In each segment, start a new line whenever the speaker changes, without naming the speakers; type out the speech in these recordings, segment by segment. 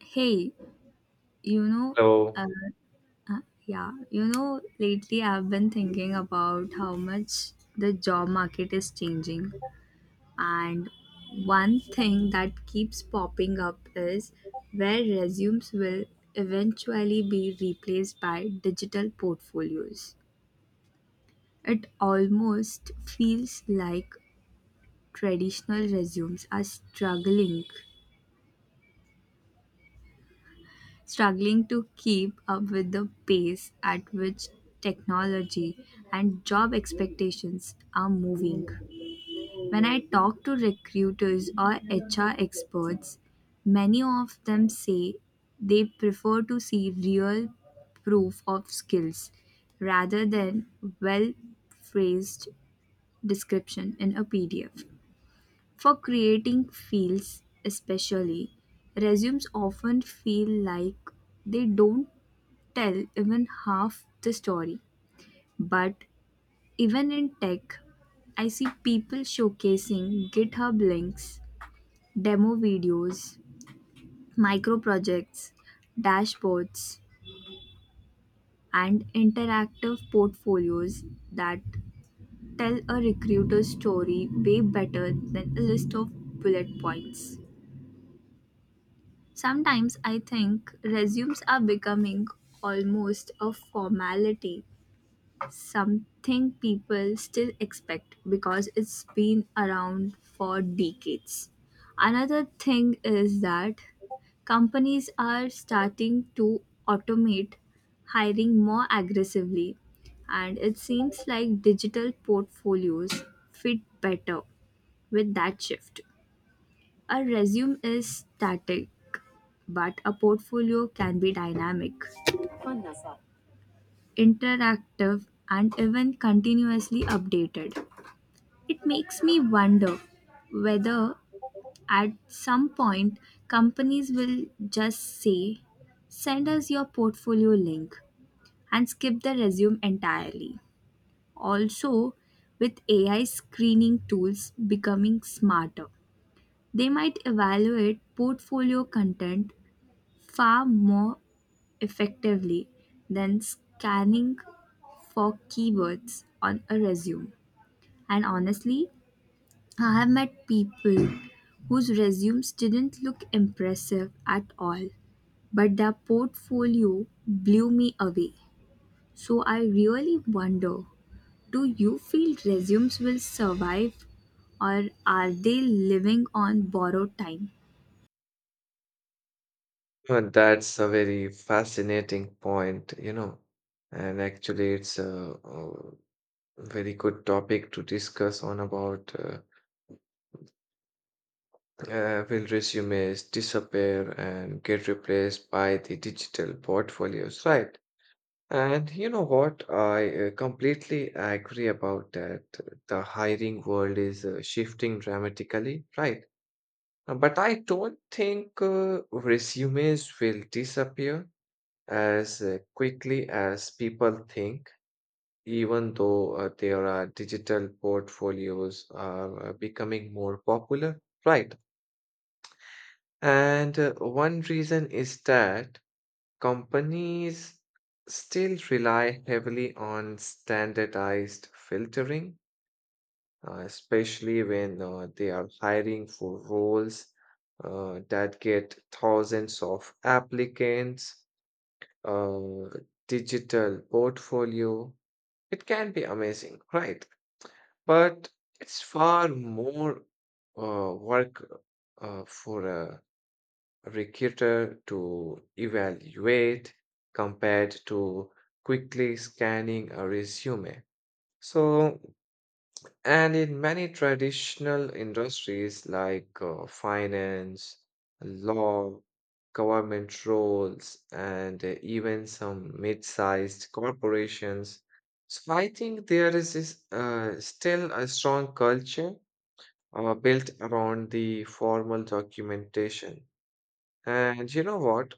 Hey, you know,
So
uh, yeah, lately I've been thinking about how much the job market is changing. And one thing that keeps popping up is where resumes will eventually be replaced by digital portfolios. It almost feels like traditional resumes are struggling to keep up with the pace at which technology and job expectations are moving. When I talk to recruiters or HR experts, many of them say they prefer to see real proof of skills rather than well phrased description in a PDF. For creating fields, especially, resumes often feel like they don't tell even half the story. But even in tech, I see people showcasing GitHub links, demo videos, micro projects, dashboards, and interactive portfolios that tell a recruiter's story way better than a list of bullet points. Sometimes I think resumes are becoming almost a formality something people still expect because it's been around for decades. Another thing is that companies are starting to automate hiring more aggressively, and it seems like digital portfolios fit better with that shift. A resume is static, but a portfolio can be dynamic, interactive, and even continuously updated. It makes me wonder whether at some point companies will just say, send us your portfolio link and skip the resume entirely. Also, with AI screening tools becoming smarter, they might evaluate portfolio content far more effectively than scanning for keywords on a resume. And honestly, I have met people whose resumes didn't look impressive at all, but their portfolio blew me away. So I really wonder, do you feel resumes will survive or are they living on borrowed time?
uh, that's a very fascinating point, you know, and actually it's a very good topic to discuss on about will resumes disappear and get replaced by the digital portfolios, right? And you know what? I completely agree about that. The hiring world is shifting dramatically, right? But I don't think resumes will disappear as quickly as people think, even though there are digital portfolios are becoming more popular, right? And one reason is that companies still rely heavily on standardized filtering, especially when they are hiring for roles that get thousands of applicants. Uh, Digital portfolio, it can be amazing, right? But it's far more work for a recruiter to evaluate compared to quickly scanning a resume. So and in many traditional industries like finance, law, government roles, and even some mid sized corporations. So I think there is this, still a strong culture built around the formal documentation. And you know what?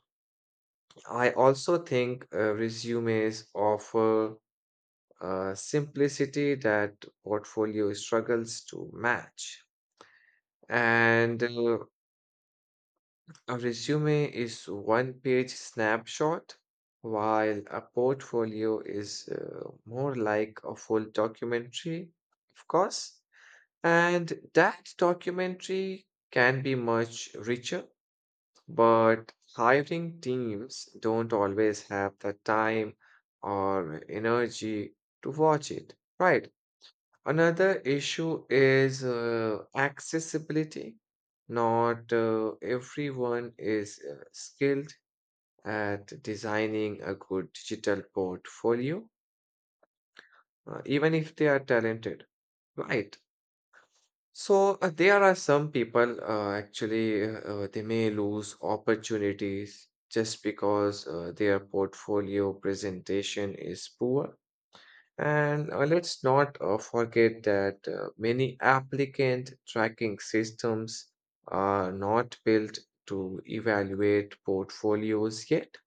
I also think resumes offer simplicity that portfolio struggles to match. And a resume is one page snapshot, while a portfolio is more like a full documentary, of course. And that documentary can be much richer, but hiring teams don't always have the time or energy to watch it, right? Another issue is accessibility. Not everyone is skilled at designing a good digital portfolio, even if they are talented, right? So there are some people actually they may lose opportunities just because their portfolio presentation is poor. And let's not forget that many applicant tracking systems are not built to evaluate portfolios yet.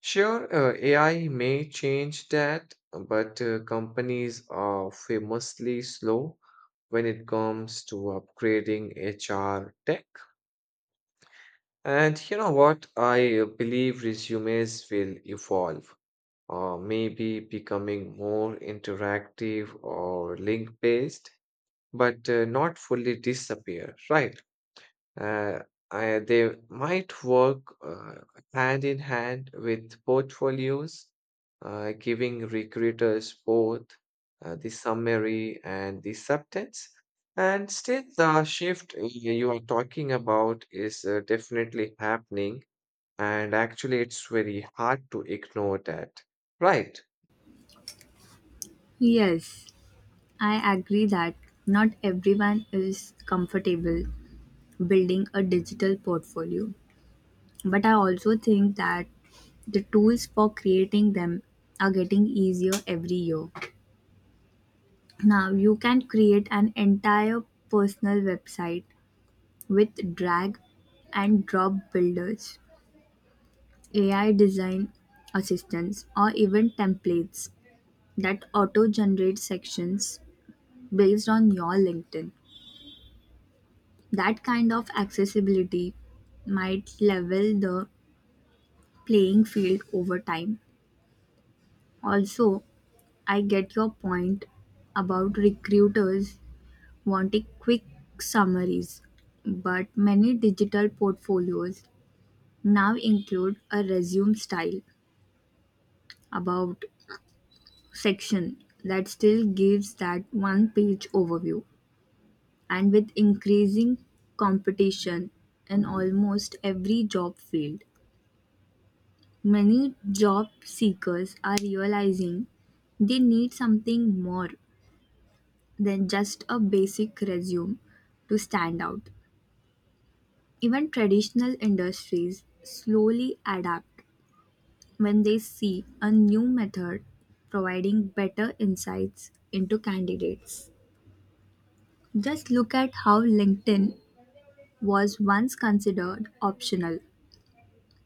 Sure, AI may change that, but companies are famously slow when it comes to upgrading HR tech. And you know what? I believe resumes will evolve. Or maybe becoming more interactive or link based, but not fully disappear, right? Uh, they might work hand in hand with portfolios, giving recruiters both the summary and the substance. And still, the shift you are talking about is definitely happening, and actually, it's very hard to ignore that, right?
Yes, I agree that not everyone is comfortable building a digital portfolio. But I also think that the tools for creating them are getting easier every year. Now you can create an entire personal website with drag and drop builders, AI design assistants, or even templates that auto generate sections based on your LinkedIn. That kind of accessibility might level the playing field over time. Also, I get your point about recruiters wanting quick summaries, but many digital portfolios now include a resume style about section that still gives that one page overview. And with increasing competition in almost every job field, many job seekers are realizing they need something more than just a basic resume to stand out. Even traditional industries slowly adapt when they see a new method providing better insights into candidates. Just look at how LinkedIn was once considered optional,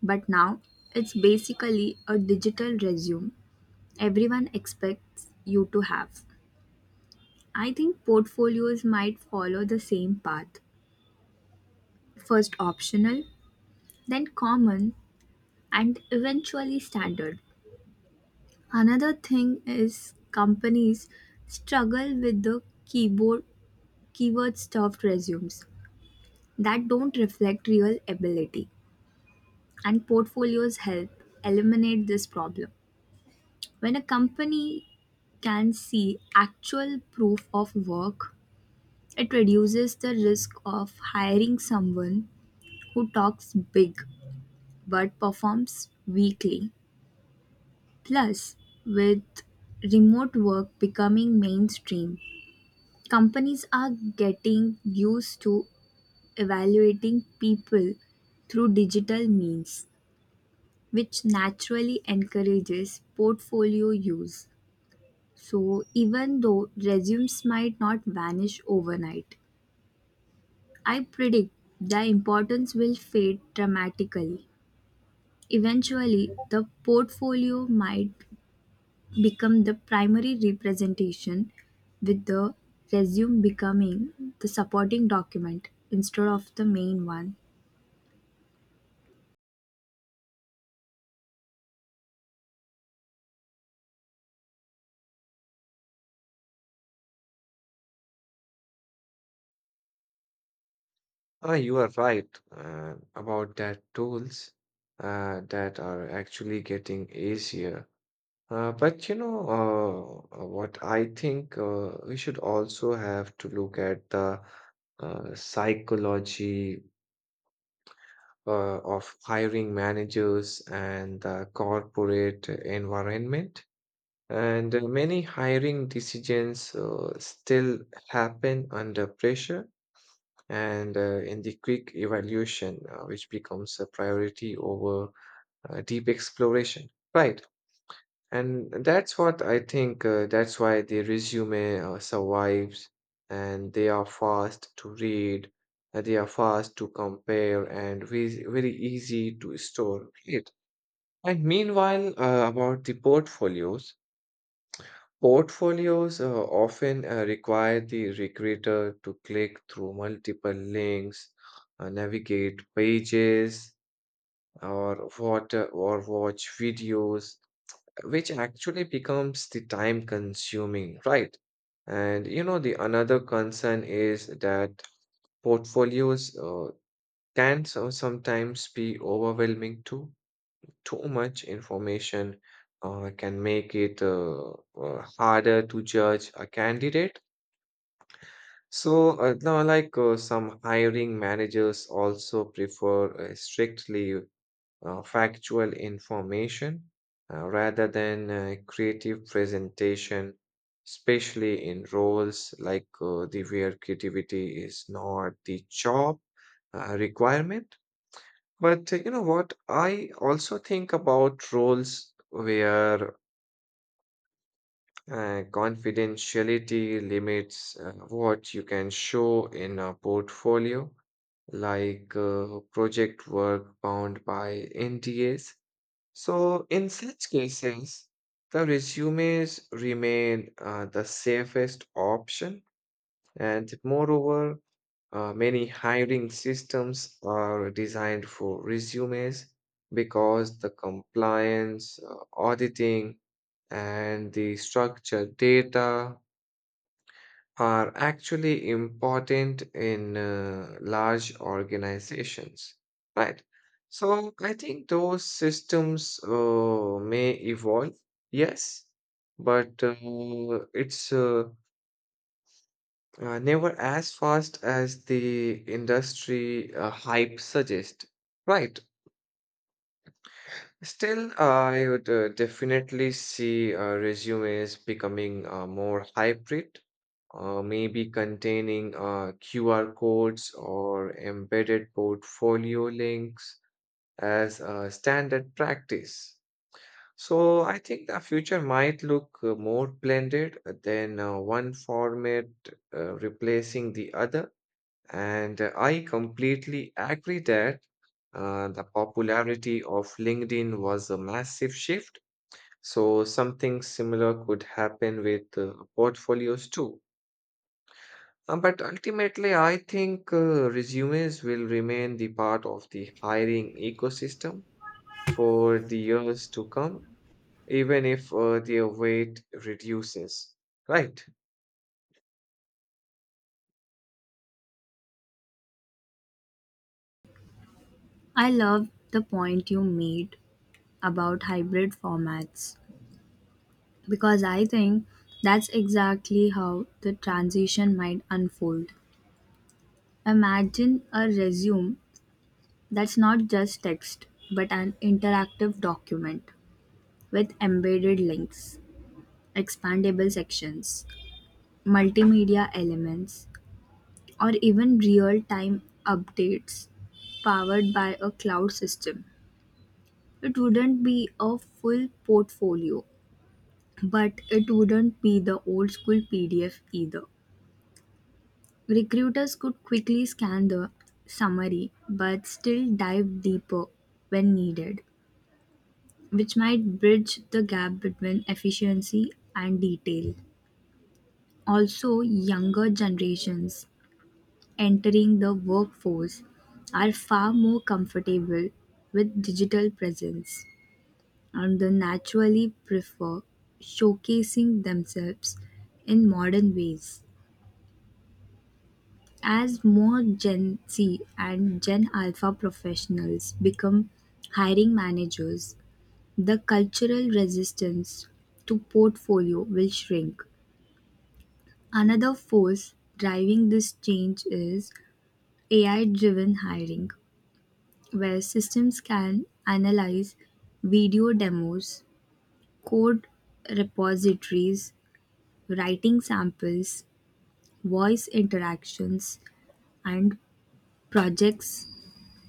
but now it's basically a digital resume everyone expects you to have. I think portfolios might follow the same path. First optional, then common, and eventually standard. Another thing is companies struggle with the keyboard keyword stuffed resumes that don't reflect real ability and portfolios help eliminate this problem. When a company can see actual proof of work, it reduces the risk of hiring someone who talks big but performs weakly. Plus, with remote work becoming mainstream, companies are getting used to evaluating people through digital means, which naturally encourages portfolio use. So, even though resumes might not vanish overnight, I predict the importance will fade dramatically. Eventually, the portfolio might become the primary representation, with the resume becoming the supporting document instead of the main one.
Ah, you are right about that tools that are actually getting easier. But you know what I think we should also have to look at the psychology of hiring managers and the corporate environment. And many hiring decisions still happen under pressure and in the quick evaluation, which becomes a priority over deep exploration. Right. And that's what I think, that's why the resume survives and they are fast to read, they are fast to compare, and very, very easy to store. Right. And meanwhile, about the portfolios. Portfolios often require the recruiter to click through multiple links, navigate pages, or watch videos, which actually becomes the time consuming, right? And you know, the another concern is that portfolios can sometimes be overwhelming, too much information can make it harder to judge a candidate. So now, like some hiring managers also prefer strictly factual information rather than creative presentation, especially in roles like the where creativity is not the job requirement. But you know what? I also think about roles where confidentiality limits what you can show in a portfolio, like project work bound by NDAs. So, in such cases, the resumes remain the safest option. And moreover, many hiring systems are designed for resumes because the compliance, auditing, and the structured data are actually important in large organizations, right? So I think those systems may evolve, yes, but it's never as fast as the industry hype suggests. Right. Still, I would definitely see resumes becoming more hybrid, maybe containing QR codes or embedded portfolio links as a standard practice. So I think the future might look more blended than one format replacing the other. And I completely agree that the popularity of LinkedIn was a massive shift. So something similar could happen with portfolios too. But ultimately, I think resumes will remain the part of the hiring ecosystem for the years to come, even if their weight reduces. Right.
I love the point you made about hybrid formats because I think that's exactly how the transition might unfold. Imagine a resume that's not just text but an interactive document with embedded links, expandable sections, multimedia elements, or even real-time updates powered by a cloud system. It wouldn't be a full portfolio, but it wouldn't be the old school PDF either. Recruiters could quickly scan the summary but still dive deeper when needed, which might bridge the gap between efficiency and detail. Also, younger generations entering the workforce are far more comfortable with digital presence and they naturally prefer showcasing themselves in modern ways. As more Gen Z and Gen Alpha professionals become hiring managers, the cultural resistance to portfolio will shrink. Another force driving this change is AI driven hiring, where systems can analyze video demos, code repositories, writing samples, voice interactions, and projects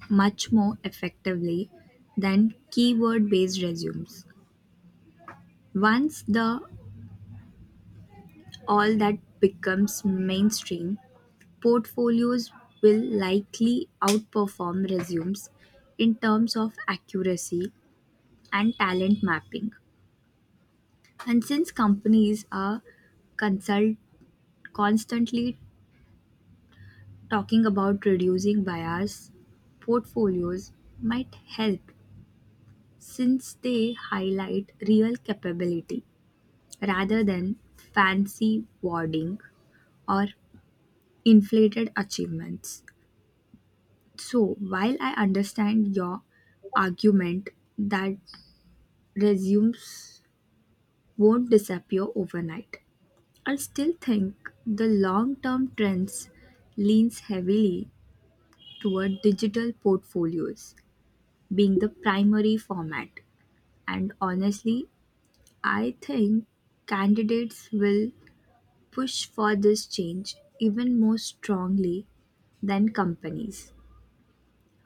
much more effectively than keyword based resumes. Once the all that becomes mainstream, portfolios will likely outperform resumes in terms of accuracy and talent mapping. And since companies are consult- constantly talking about reducing bias, portfolios might help since they highlight real capability rather than fancy wording or inflated achievements. So, while I understand your argument that resumes won't disappear overnight, I still think the long term trends leans heavily toward digital portfolios being the primary format. And honestly, I think candidates will push for this change even more strongly than companies.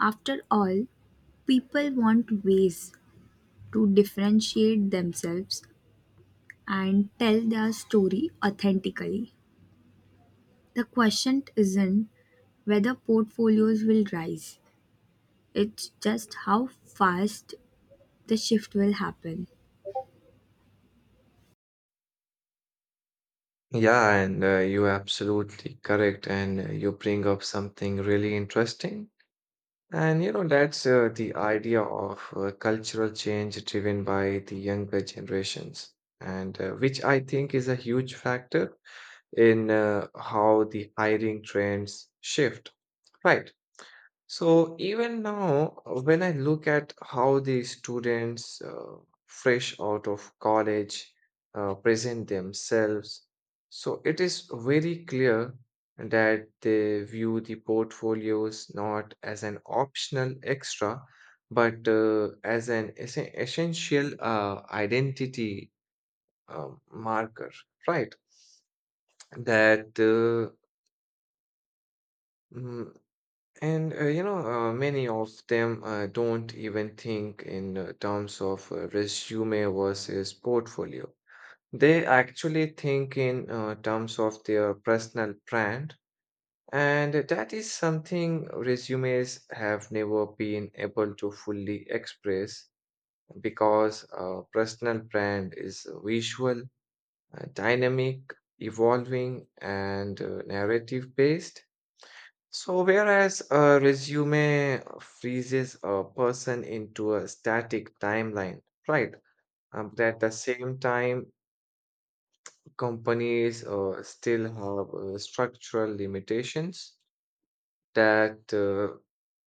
After all, people want ways to differentiate themselves and tell their story authentically. The question isn't whether portfolios will rise. It's just how fast the shift will happen.
Yeah, and you're absolutely correct. And you bring up something really interesting. And you know, that's the idea of cultural change driven by the younger generations, and which I think is a huge factor in how the hiring trends shift. Right. So even now, when I look at how the students fresh out of college present themselves, so it is very clear that they view the portfolios not as an optional extra, but as an essential identity marker, right? That uh, mm, And you know, many of them don't even think in terms of resume versus portfolio. They actually think in terms of their personal brand, and that is something resumes have never been able to fully express because personal brand is visual, dynamic, evolving, and narrative based. So, whereas a resume freezes a person into a static timeline, right? But at the same time, companies still have structural limitations that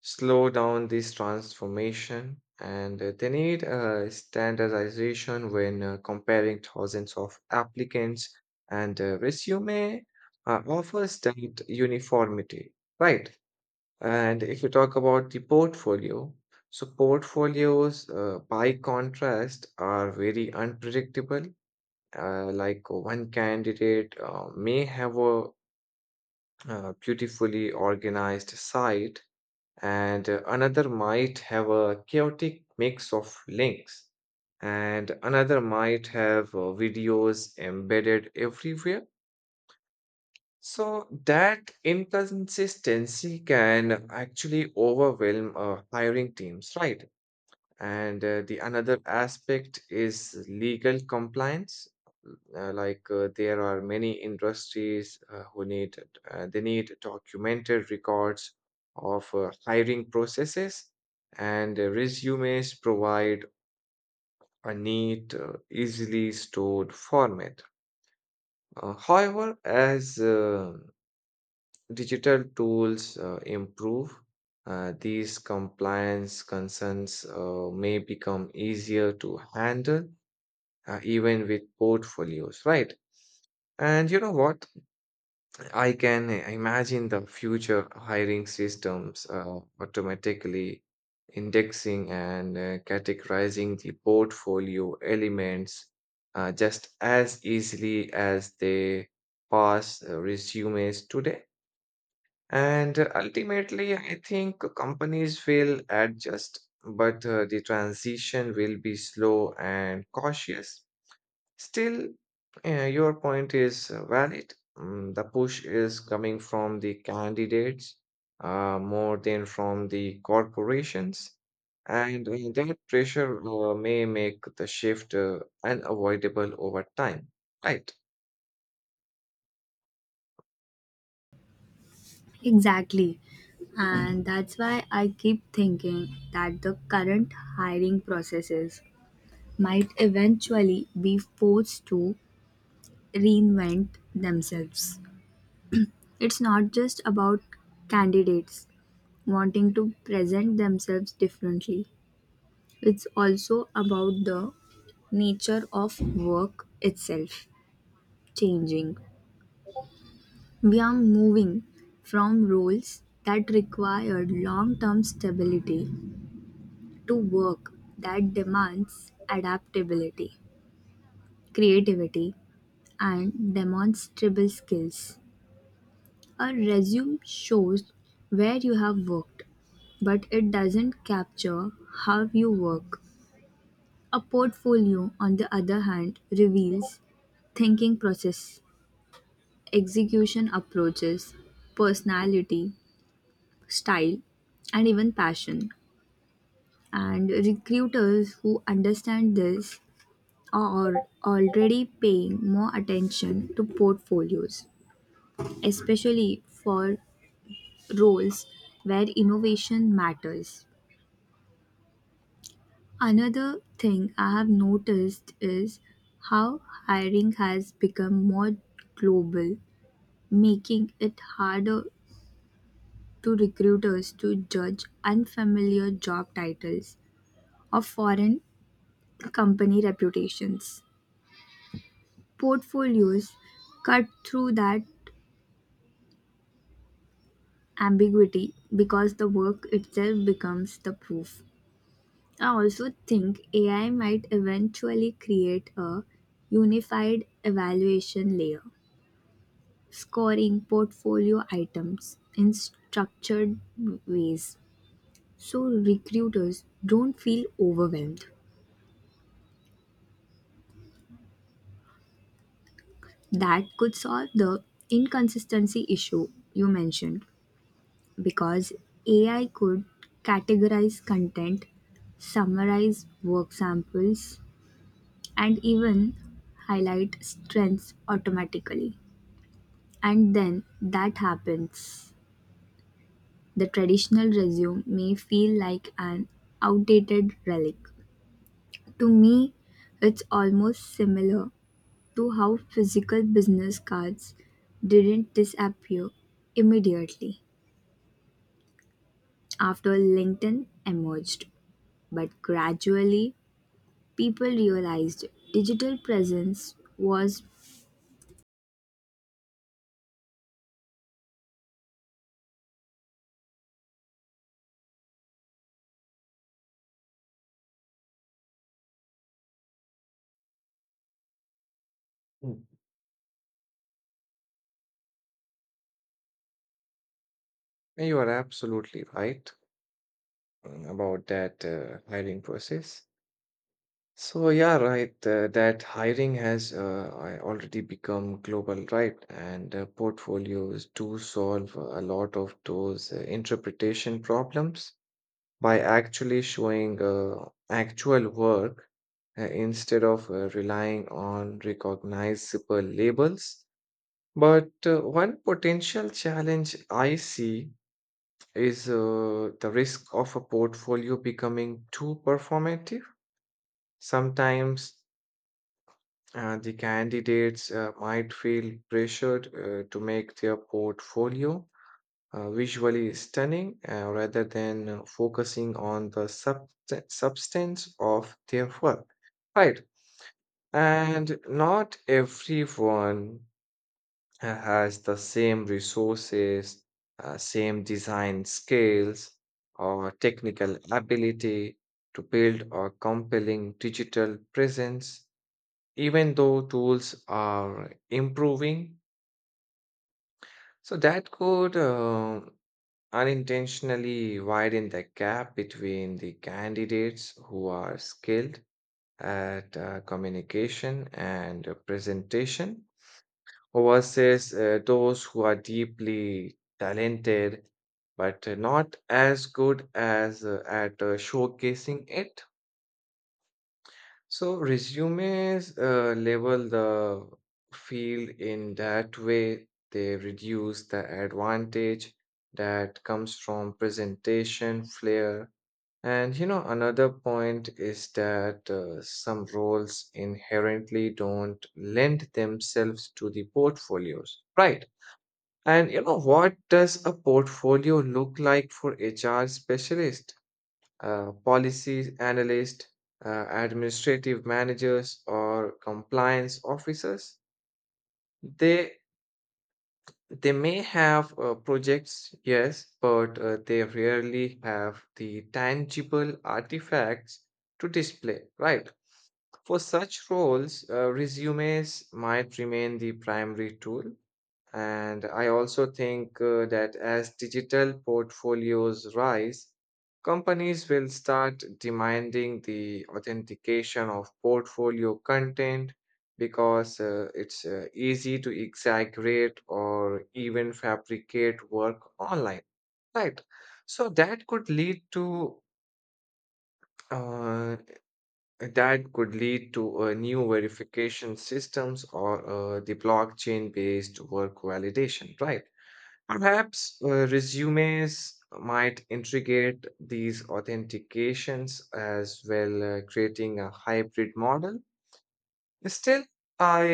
slow down this transformation, and they need standardization when comparing thousands of applicants, and resume offers that uniformity, right? And if you talk about the portfolio, so portfolios, by contrast, are very unpredictable. Like one candidate may have a beautifully organized site, and another might have a chaotic mix of links, and another might have videos embedded everywhere, so that inconsistency can actually overwhelm hiring teams, right? And the another aspect is legal compliance. Like there are many industries who need they need documented records of hiring processes, and resumes provide a neat, easily stored format. However, as digital tools improve, these compliance concerns may become easier to handle, even with portfolios, right? And you know what? I can imagine the future hiring systems automatically indexing and categorizing the portfolio elements just as easily as they pass resumes today. And ultimately, I think companies will adjust, but the transition will be slow and cautious. Still, your point is valid. The push is coming from the candidates more than from the corporations. And that pressure may make the shift unavoidable over time. Right.
Exactly. And that's why I keep thinking that the current hiring processes might eventually be forced to reinvent themselves. It's not just about candidates wanting to present themselves differently, it's also about the nature of work itself changing. We are moving from roles that require long-term stability to work that demands adaptability, creativity, and demonstrable skills. A resume shows where you have worked, but it doesn't capture how you work. A portfolio, on the other hand, reveals thinking process, execution approaches, personality, style, and even passion. And recruiters who understand this are already paying more attention to portfolios, especially for roles where innovation matters. Another thing I have noticed is how hiring has become more global, making it harder to recruiters to judge unfamiliar job titles or foreign company reputations. Portfolios cut through that ambiguity because the work itself becomes the proof. I also think AI might eventually create a unified evaluation layer, scoring portfolio items in structured ways so recruiters don't feel overwhelmed. That could solve the inconsistency issue you mentioned because AI could categorize content, summarize work samples, and even highlight strengths automatically. And then that happens. The traditional resume may feel like an outdated relic. To me, it's almost similar to how physical business cards didn't disappear immediately after LinkedIn emerged, but gradually people realized digital presence was
Mm. You are absolutely right. About that hiring process. So yeah, right. That hiring has I already become global, right? And portfolios do solve a lot of those interpretation problems by actually showing actual work instead of relying on recognizable labels. But one potential challenge I see is the risk of a portfolio becoming too performative. Sometimes the candidates might feel pressured to make their portfolio visually stunning rather than focusing on the substance of their work. Right. And not everyone has the same resources, same design skills, or technical ability to build a compelling digital presence, even though tools are improving. So that could unintentionally widen the gap between the candidates who are skilled at communication and presentation versus those who are deeply talented but not as good as at showcasing it. So resumes level the field in that way. They reduce the advantage that comes from presentation flair. And you know, another point is that some roles inherently don't lend themselves to the portfolios, right? And you know, what does a portfolio look like for HR specialist, policy analyst, administrative managers, or compliance officers? They they may have projects, yes, but they rarely have the tangible artifacts to display, right? For such roles, resumes might remain the primary tool. And I also think that as digital portfolios rise, companies will start demanding the authentication of portfolio content because it's easy to exaggerate or even fabricate work online, right? So uh, that could lead to new verification systems or the blockchain-based work validation, right? Perhaps resumes might integrate these authentications as well, creating a hybrid model. Still, I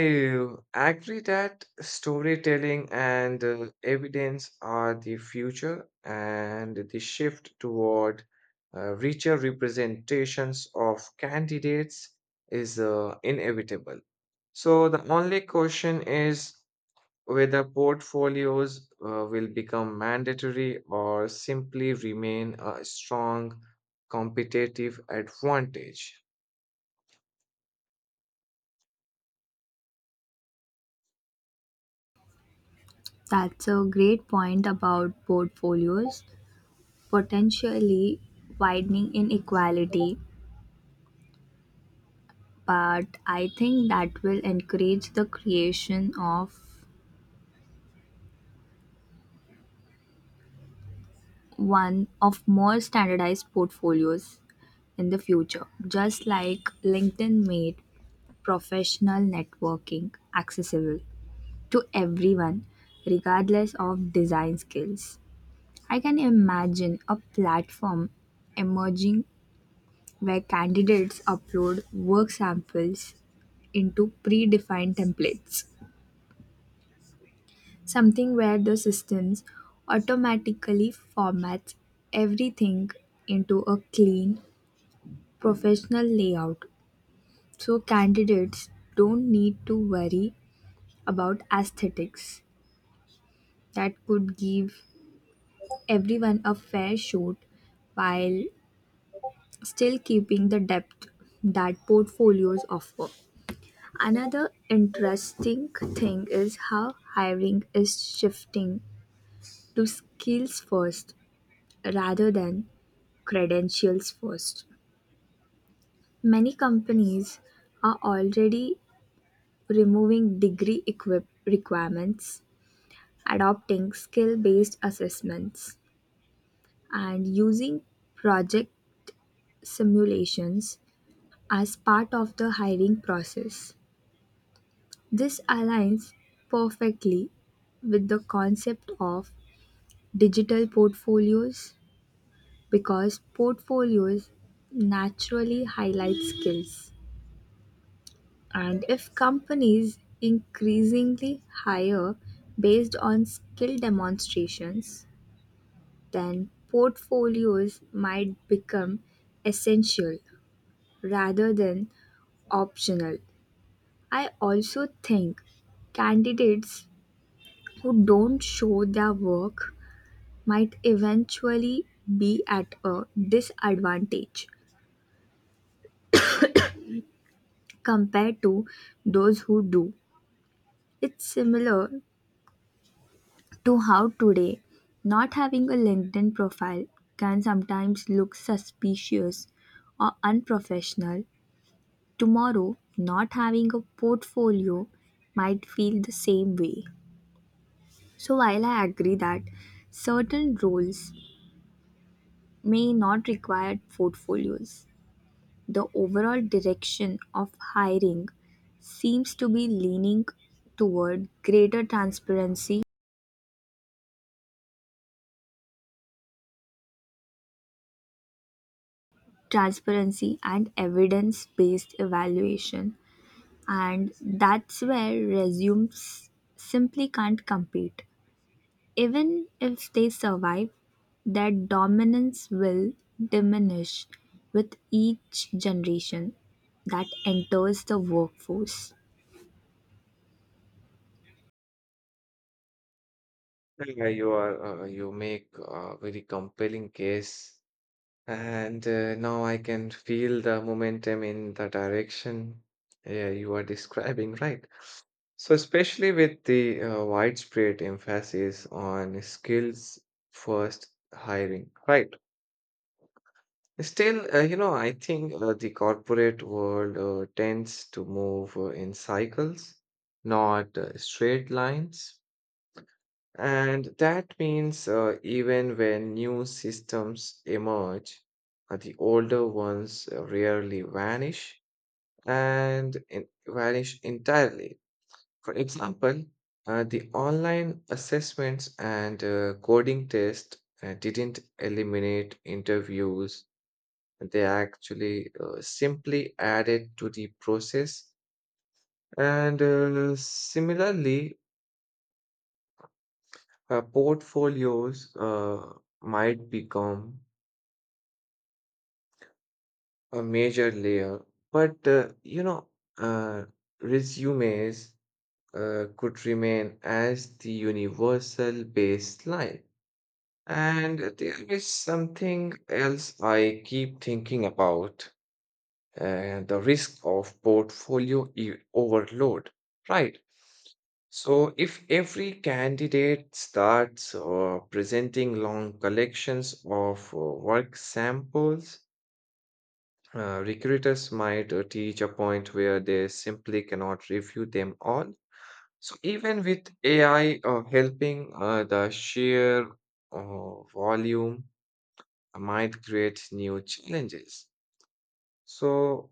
agree that storytelling and evidence are the future, and the shift toward richer representations of candidates is inevitable. So, the only question is whether portfolios will become mandatory or simply remain a strong competitive advantage.
that's a great point about portfolios potentially widening inequality, but I think that will encourage the creation of one of more standardized portfolios in the future, just like LinkedIn made professional networking accessible to everyone regardless of design skills. I can imagine a platform emerging where candidates upload work samples into predefined templates, something where the systems automatically formats everything into a clean, professional layout so candidates don't need to worry about aesthetics that could give everyone a fair shot while still keeping the depth that portfolios offer. Another interesting thing is how hiring is shifting to skills first rather than credentials first. Many companies are already removing degree equip requirements, adopting skill based assessments, and using project simulations as part of the hiring process. This aligns perfectly with the concept of digital portfolios because portfolios naturally highlight skills. And if companies increasingly hire based on skill demonstrations, then portfolios might become essential rather than optional. I also think candidates who don't show their work might eventually be at a disadvantage compared to those who do. It's similar to how today not having a LinkedIn profile can sometimes look suspicious or unprofessional. Tomorrow, not having a portfolio might feel the same way. So, while I agree that certain roles may not require portfolios, the overall direction of hiring seems to be leaning toward greater transparency and evidence-based evaluation, and that's where resumes simply can't compete. Even if they survive, their dominance will diminish with each generation that enters the workforce.
Yeah, you make a very compelling case, and now I can feel the momentum in the direction yeah, you are describing, right? So especially with the widespread emphasis on skills first hiring, right? Still, you know, I think the corporate world tends to move in cycles, not straight lines. And that means even when new systems emerge, the older ones rarely vanish vanish entirely. For example, the online assessments and coding tests didn't eliminate interviews, they actually simply added to the process. And similarly, portfolios might become a major layer, but uh, resumes could remain as the universal baseline. And there is something else I keep thinking about: the risk of portfolio overload, right? So, if every candidate starts presenting long collections of work samples, recruiters might reach a point where they simply cannot review them all. So, even with AI helping, the sheer volume might create new challenges. So,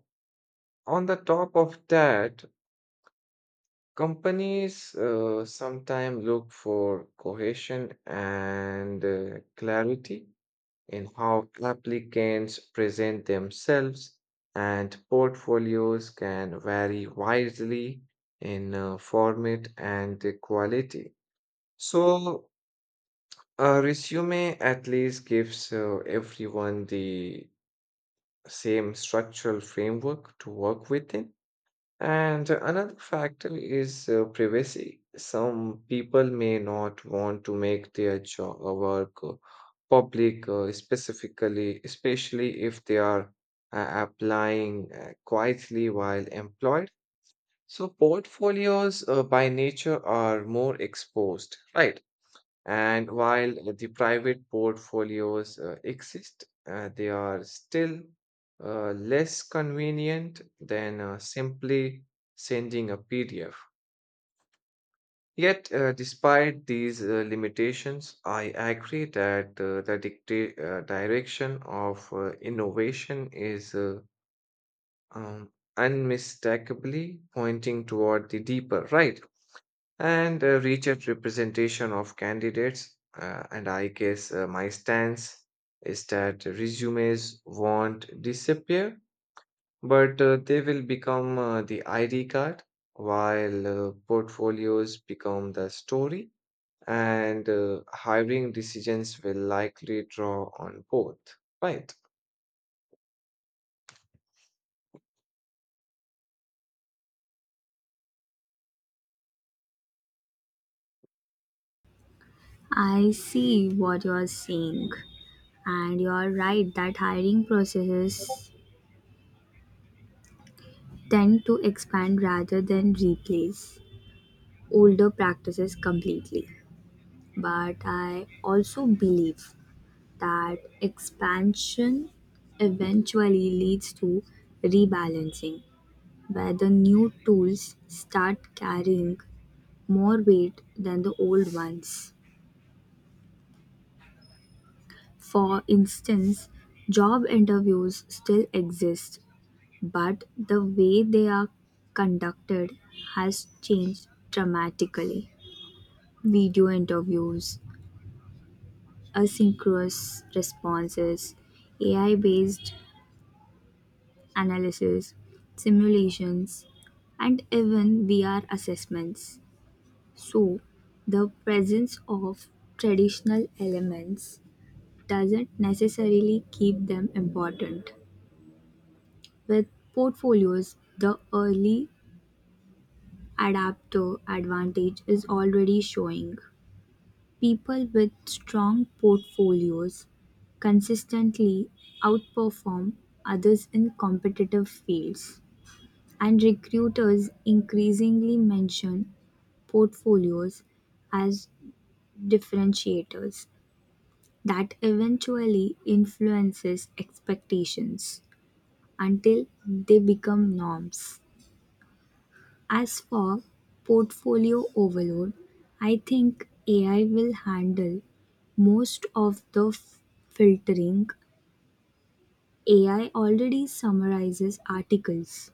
on the top of that, companies sometimes look for cohesion and clarity in how applicants present themselves, and portfolios can vary widely in format and quality. So, a resume at least gives everyone the same structural framework to work within. And another factor is privacy. Some people may not want to make their job or work public, especially if they are applying quietly while employed. So portfolios, by nature, are more exposed, right? And while the private portfolios exist, they are still less convenient than simply sending a PDF. Yet, despite these limitations, I agree that the direction of innovation is um, unmistakably pointing toward the deeper, right? And a richer representation of candidates. And I guess my stance is that resumes won't disappear, but they will become the ID card, while portfolios become the story, and hiring decisions will likely draw on both. Right.
I see what you're saying, and you're right that hiring processes tend to expand rather than replace older practices completely. But I also believe that expansion eventually leads to rebalancing, where the new tools start carrying more weight than the old ones. For instance, job interviews still exist, but the way they are conducted has changed dramatically. Video interviews, asynchronous responses, AI based analysis, simulations, and even VR assessments. So, the presence of traditional elements doesn't necessarily keep them important. With portfolios, the early adapter advantage is already showing. People with strong portfolios consistently outperform others in competitive fields, and recruiters increasingly mention portfolios as differentiators that eventually influences expectations until they become norms. As for portfolio overload, I think AI will handle most of the filtering. AI already summarizes articles,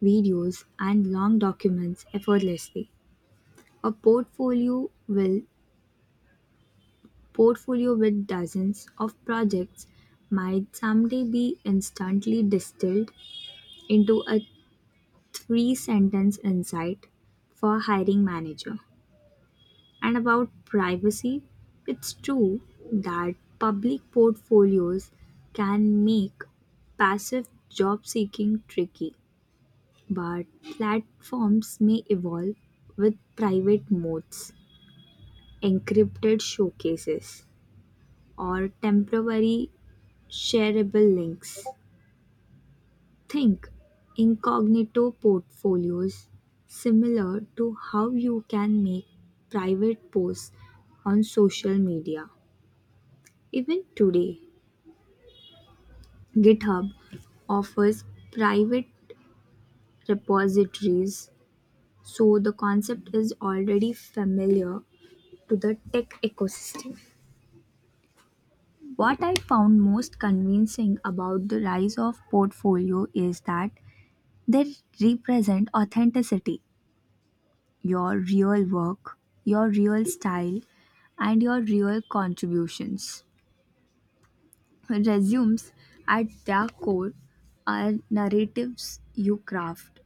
videos, and long documents effortlessly. A portfolio with dozens of projects might someday be instantly distilled into a 3 sentence insight for hiring manager. And about privacy, it's true that public portfolios can make passive job seeking tricky, but platforms may evolve with private modes, encrypted showcases, or temporary shareable links. Think incognito portfolios similar to how you can make private posts on social media. Even today, GitHub offers private repositories, so the concept is already familiar to the tech ecosystem. What I found most convincing about the rise of portfolio is that they represent authenticity, your real work, your real style, and your real contributions. Resumes, at their core, are narratives you craft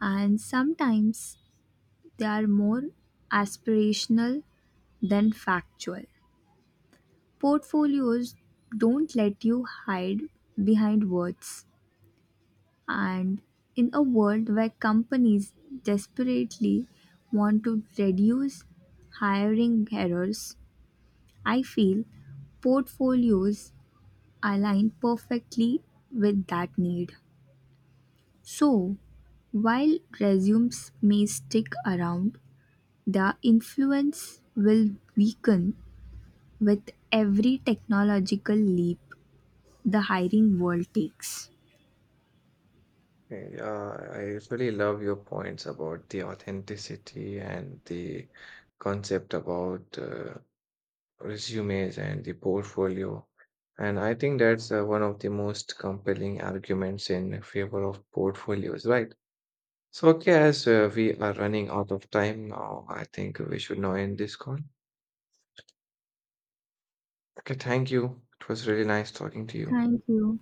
and sometimes they are more aspirational than factual. Portfolios don't let you hide behind words, and in a world where companies desperately want to reduce hiring errors, I feel portfolios align perfectly with that need. So, while resumes may stick around, their influence will weaken with every technological leap the hiring world takes.
Okay. I really love your points about the authenticity and the concept about. Resumes and the portfolio. And I think that's one of the most compelling arguments in favor of portfolios, right? So, okay, as we are running out of time now, I think we should now end this call. Okay, thank you. It was really nice talking to you.
Thank you.